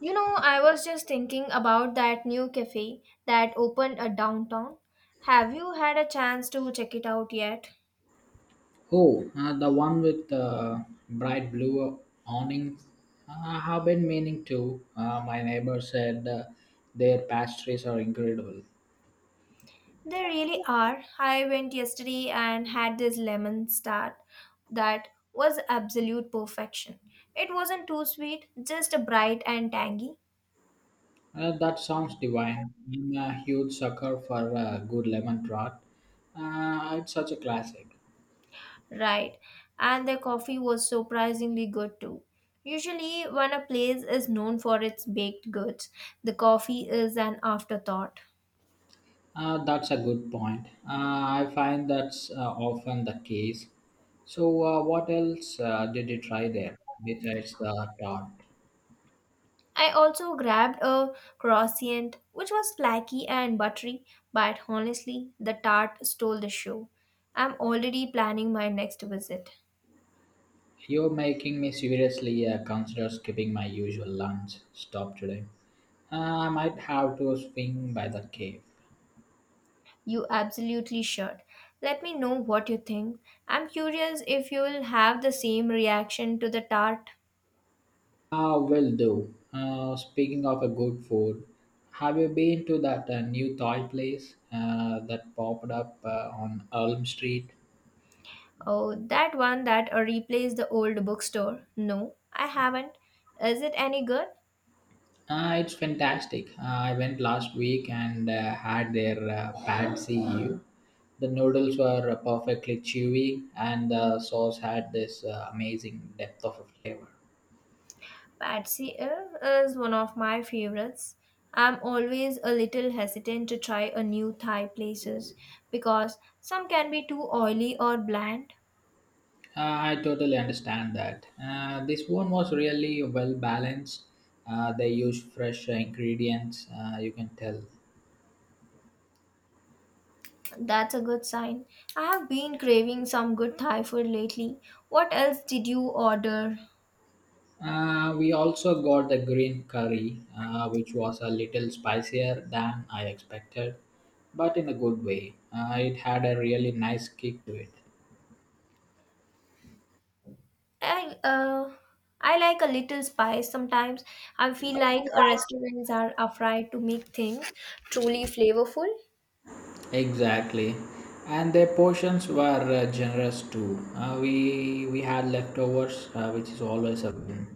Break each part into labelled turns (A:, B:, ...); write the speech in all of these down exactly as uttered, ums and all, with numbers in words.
A: You know, I was just thinking about that new cafe that opened a downtown. Have you had a chance to check it out yet?
B: Oh, uh, the one with the bright blue awnings. I have been meaning to. Uh, my neighbor said uh, their pastries are incredible.
A: They really are. I went yesterday and had this lemon tart that was absolute perfection. It wasn't too sweet, just bright and tangy.
B: Uh, that sounds divine. I'm a huge sucker for uh, good lemon draught. Uh, it's such a classic.
A: Right. And their coffee was surprisingly good too. Usually, when a place is known for its baked goods, the coffee is an afterthought.
B: Uh, that's a good point. Uh, I find that's uh, often the case. So, uh, what else uh, did you try there besides the tart?
A: I also grabbed a croissant, which was flaky and buttery, but honestly, the tart stole the show. I'm already planning my next visit.
B: You're making me seriously uh, consider skipping my usual lunch stop today. Uh, I might have to swing by the cave.
A: You absolutely should. Let me know what you think. I'm curious if you'll have the same reaction to the tart.
B: Ah, will do. Uh, speaking of a good food, have you been to that uh, new Thai place uh, that popped up uh, on Elm Street?
A: Oh, that one that uh, replaced the old bookstore. No, I haven't. Is it any good?
B: Uh, it's fantastic. Uh, I went last week and uh, had their uh, pad see ew. The noodles were uh, perfectly chewy, and the sauce had this uh, amazing depth of flavor.
A: Patsy Ev is one of my favorites. I'm always a little hesitant to try a new Thai places because some can be too oily or bland.
B: Uh, I totally understand that. Uh, this one was really well balanced. Uh, they used fresh ingredients, uh, you can tell.
A: That's a good sign. I have been craving some good Thai food lately. What else did you order?
B: Uh, we also got the green curry, uh, which was a little spicier than I expected, but in a good way. Uh, it had a really nice kick to it.
A: I uh I like a little spice sometimes. I feel like uh, restaurants are afraid to make things truly flavorful.
B: Exactly. And their portions were uh, generous too. Uh, we we had leftovers, uh, which is always a win.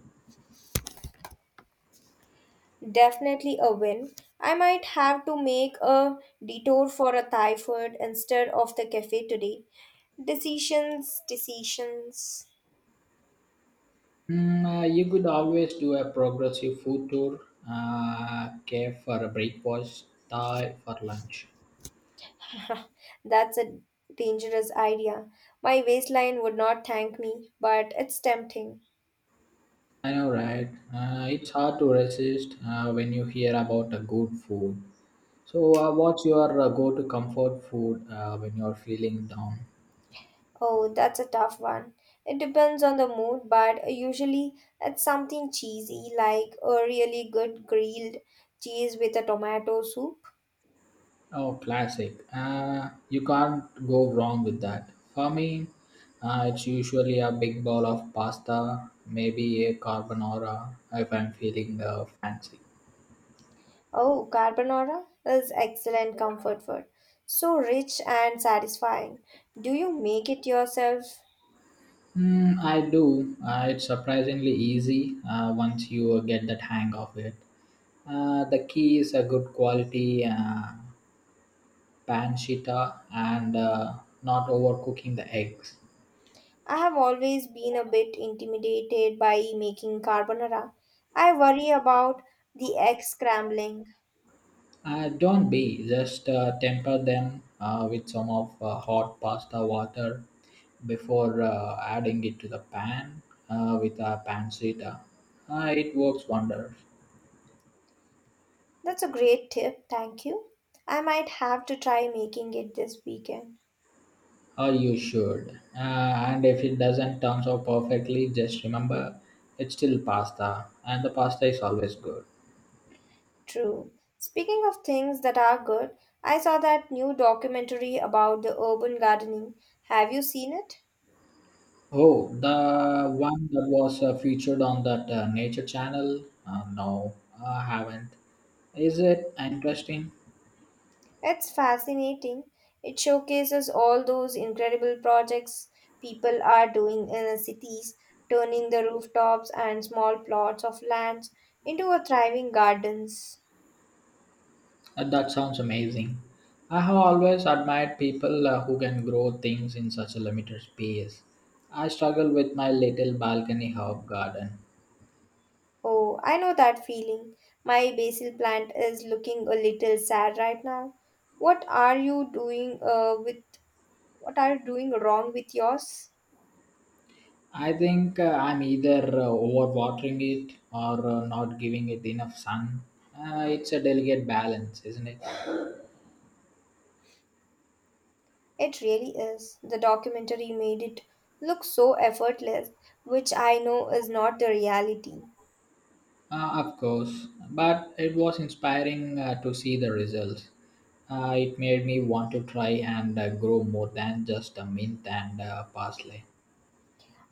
A: Definitely a win. I might have to make a detour for a Thai food instead of the cafe today. Decisions, decisions.
B: Mm, uh, you could always do a progressive food tour, uh, cafe for a breakfast, Thai for lunch.
A: That's a dangerous idea. My waistline would not thank me, but it's tempting.
B: I know, right? Uh, it's hard to resist uh, when you hear about a good food. So, uh, what's your uh, go-to comfort food uh, when you're feeling down?
A: Oh, that's a tough one. It depends on the mood, but usually it's something cheesy like a really good grilled cheese with a tomato soup.
B: Oh, classic. Uh, you can't go wrong with that. For me, uh, it's usually a big bowl of pasta, maybe a carbonara if I'm feeling uh, fancy.
A: Oh, carbonara is excellent comfort food. So rich and satisfying. Do you make it yourself?
B: Mm, I do. Uh, it's surprisingly easy uh, once you get that hang of it. Uh, the key is a good quality uh, pancetta and uh, not overcooking the eggs.
A: I have always been a bit intimidated by making carbonara. I worry about the egg scrambling.
B: Uh, don't be, just uh, temper them uh, with some of uh, hot pasta water before uh, adding it to the pan uh, with a pancetta. Uh, it works wonders.
A: That's a great tip, thank you. I might have to try making it this weekend.
B: Or you should. Uh, and if it doesn't turn out perfectly, just remember it's still pasta, and the pasta is always good.
A: True. Speaking of things that are good, I saw that new documentary about the urban gardening. Have you seen it?
B: Oh, the one that was uh, featured on that uh, Nature Channel? Uh, no, I haven't. Is it interesting?
A: It's fascinating. It showcases all those incredible projects people are doing in the cities, turning the rooftops and small plots of lands into a thriving gardens.
B: Uh, that sounds amazing. I have always admired people uh, who can grow things in such a limited space. I struggle with my little balcony herb garden.
A: Oh, I know that feeling. My basil plant is looking a little sad right now. What are you doing uh, with what are you doing wrong with yours?
B: I think uh, I'm either uh, overwatering it or uh, not giving it enough sun. Uh, it's a delicate balance, isn't it?
A: It really is. The documentary made it look so effortless, which I know is not the reality.
B: Uh, of course, but it was inspiring uh, to see the results. Uh, it made me want to try and uh, grow more than just a mint and uh, parsley.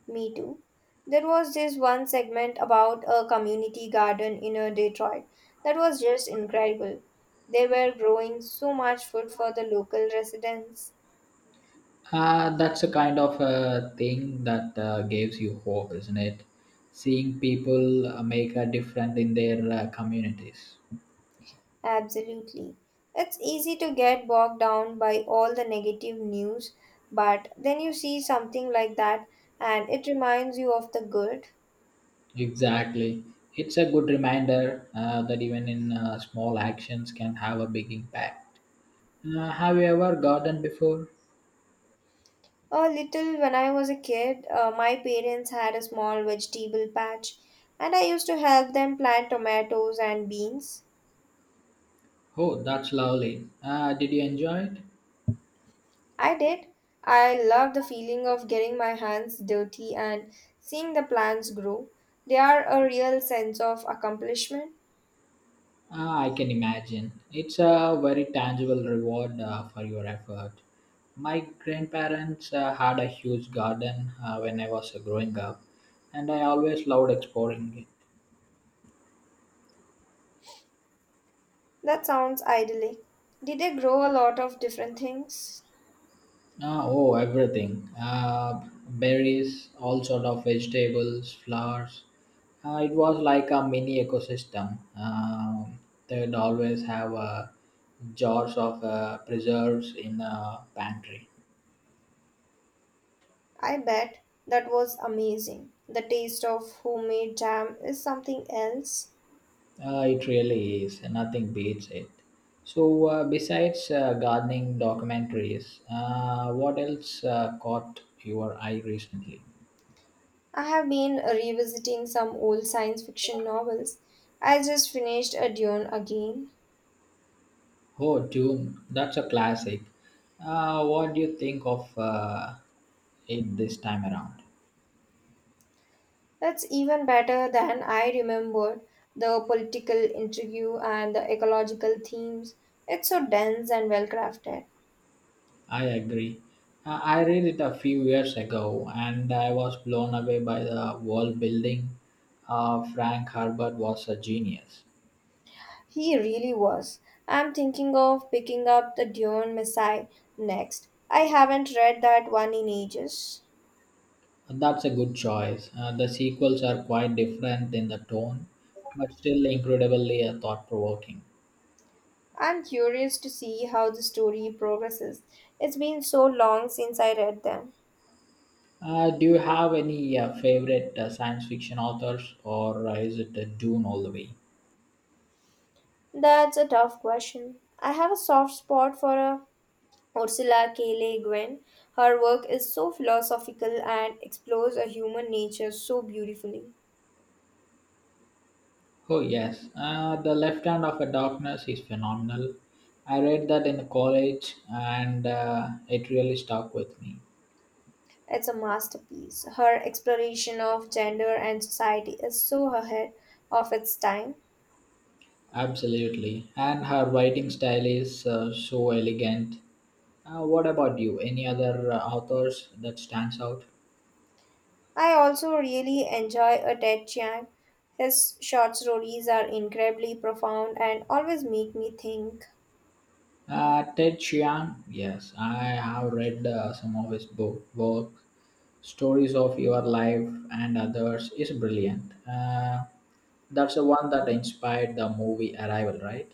A: Me too. There was this one segment about a community garden in uh, Detroit that was just incredible. They were growing so much food for the local residents.
B: Uh, that's the kind of uh, thing that uh, gives you hope, isn't it? Seeing people uh, make a difference in their uh, communities.
A: Absolutely. It's easy to get bogged down by all the negative news, but then you see something like that and it reminds you of the good.
B: Exactly. It's a good reminder uh, that even in uh, small actions can have a big impact. Uh, have you ever gardened before?
A: A little when I was a kid, uh, my parents had a small vegetable patch and I used to help them plant tomatoes and beans.
B: Oh, that's lovely. Uh, did you enjoy it?
A: I did. I love the feeling of getting my hands dirty and seeing the plants grow. They are a real sense of accomplishment.
B: Uh, I can imagine. It's a very tangible reward uh, for your effort. My grandparents uh, had a huge garden uh, when I was growing up, and I always loved exploring it.
A: That sounds idyllic. Did they grow a lot of different things?
B: Ah, oh, everything. Uh, berries, all sort of vegetables, flowers. Uh, it was like a mini ecosystem. Um they'd always have uh, jars of uh, preserves in a pantry.
A: I bet. That was amazing. The taste of homemade jam is something else.
B: Uh, it really is. Nothing beats it. So, uh, besides uh, gardening documentaries, uh, what else uh, caught your eye recently?
A: I have been revisiting some old science fiction novels. I just finished a Dune again.
B: Oh, Dune, that's a classic. Uh, what do you think of uh, it this time around?
A: That's even better than I remembered. The political intrigue and the ecological themes. It's so dense and well crafted.
B: I agree. Uh, I read it a few years ago and I was blown away by the world building. Uh, Frank Herbert was a genius.
A: He really was. I'm thinking of picking up the Dune Messiah next. I haven't read that one in ages.
B: That's a good choice. Uh, the sequels are quite different in the tone, but still incredibly uh, thought provoking.
A: I'm curious to see how the story progresses. It's been so long since I read them.
B: Uh, do you have any uh, favorite uh, science fiction authors, or uh, is it uh, Dune all the way?
A: That's a tough question. I have a soft spot for a Ursula K. Le Guin. Her work is so philosophical and explores a human nature so beautifully.
B: Oh yes, uh, the left hand of a darkness is phenomenal. I read that in college, and uh, it really stuck with me.
A: It's a masterpiece. Her exploration of gender and society is so ahead of its time.
B: Absolutely, and her writing style is uh, so elegant. Uh, what about you? Any other uh, authors that stands out?
A: I also really enjoy a Ted Chiang. His short stories are incredibly profound and always make me think.
B: Uh, Ted Chiang. Yes, I have read uh, some of his book work. Stories of Your Life and Others is brilliant. Uh, that's the one that inspired the movie Arrival, right?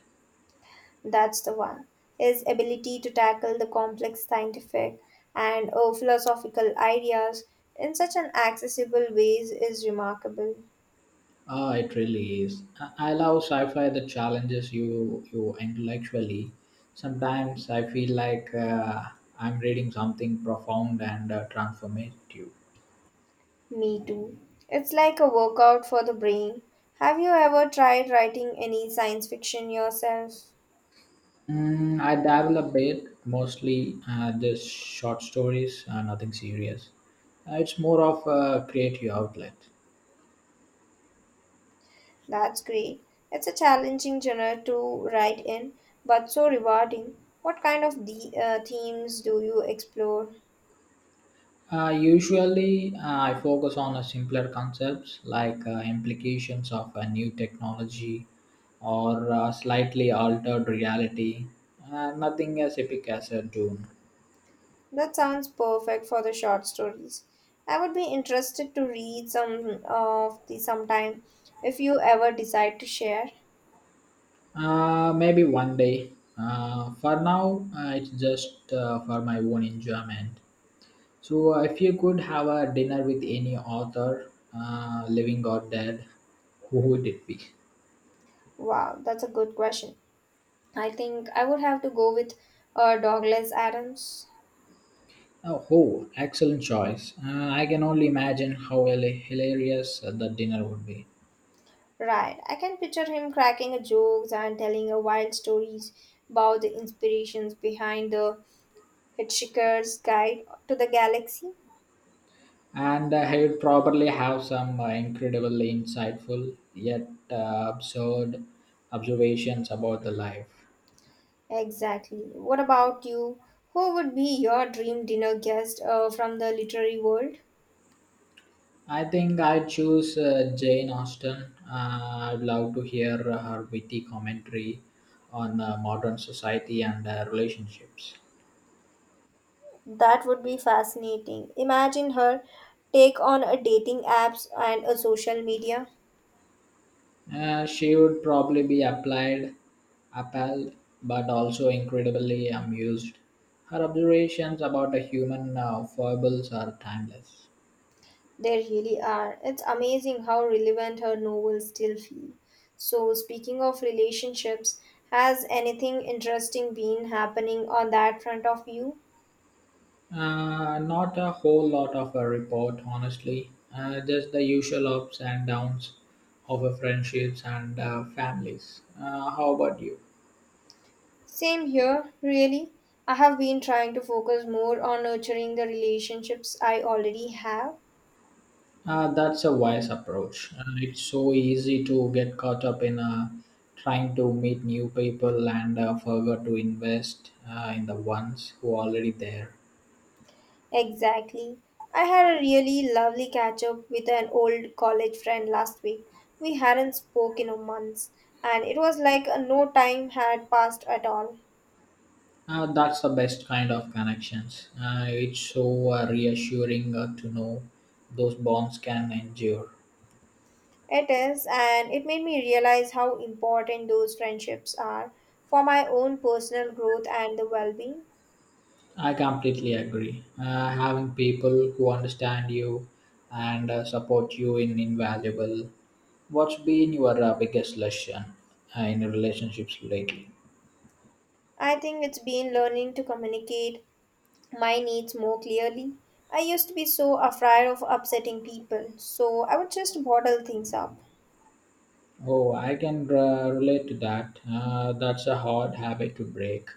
A: That's the one. His ability to tackle the complex scientific and uh, philosophical ideas in such an accessible ways is remarkable.
B: Ah, it really is. I I love sci-fi that challenges you you intellectually. Sometimes I feel like uh, I'm reading something profound and uh, transformative.
A: Me too. It's like a workout for the brain. Have you ever tried writing any science fiction yourself?
B: Mm, I dabble a bit, mostly uh, just short stories, uh, nothing serious. Uh, it's more of a creative outlet.
A: That's great. It's a challenging genre to write in, but so rewarding. What kind of the, uh, themes do you explore?
B: Uh, usually, uh, I focus on a simpler concepts like uh, implications of a new technology or uh, slightly altered reality. Uh, nothing as epic as a Dune.
A: That sounds perfect for the short stories. I would be interested to read some of the sometime if you ever decide to share.
B: Uh, maybe one day. Uh, for now, uh, it's just uh, for my own enjoyment. So, uh, if you could have a dinner with any author, uh, living or dead, who would it be?
A: Wow, that's a good question. I think I would have to go with uh, Douglas Adams.
B: Oh, oh, excellent choice. Uh, I can only imagine how hila- hilarious uh, the dinner would be.
A: Right, I can picture him cracking a jokes and telling a wild stories about the inspirations behind the Hitchhiker's Guide to the Galaxy.
B: And uh, he would probably have some uh, incredibly insightful yet uh, absurd observations about the life.
A: Exactly. What about you? Who would be your dream dinner guest uh, from the literary world?
B: I think I'd choose uh, Jane Austen. Uh, I'd love to hear her witty commentary on uh, modern society and uh, relationships.
A: That would be fascinating. Imagine her take on a dating apps and a social media.
B: Uh, she would probably be applied, appalled, but also incredibly amused. Her observations about the human uh, foibles are timeless.
A: They really are. It's amazing how relevant her novels still feel. So speaking of relationships, has anything interesting been happening on that front of you?
B: Uh, not a whole lot of a report, honestly. Uh, just the usual ups and downs of uh, friendships and uh, families. Uh, how about you?
A: Same here, really. I have been trying to focus more on nurturing the relationships I already have.
B: Uh, that's a wise approach. Uh, it's so easy to get caught up in uh, trying to meet new people and uh, forget to invest uh, in the ones who are already there.
A: Exactly. I had a really lovely catch up with an old college friend last week. We hadn't spoken in months, and it was like uh, no time had passed at all.
B: Uh, that's the best kind of connections. Uh, it's so uh, reassuring uh, to know those bonds can endure.
A: It is, and it made me realize how important those friendships are for my own personal growth and the well being.
B: I completely agree. Uh, having people who understand you and uh, support you in invaluable. What's been your uh, biggest lesson uh, in relationships lately?
A: I think it's been learning to communicate my needs more clearly. I used to be so afraid of upsetting people, so I would just bottle things up.
B: Oh, I can uh, relate to that. Uh, that's a hard habit to break.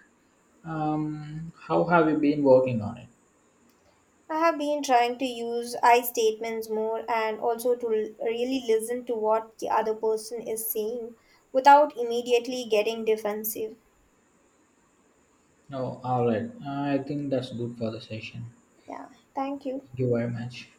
B: Um, how have you been working on it?
A: I have been trying to use I statements more and also to l- really listen to what the other person is saying without immediately getting defensive.
B: Oh, all right. Uh, I think that's good for the session.
A: Yeah, thank you.
B: Thank you very much.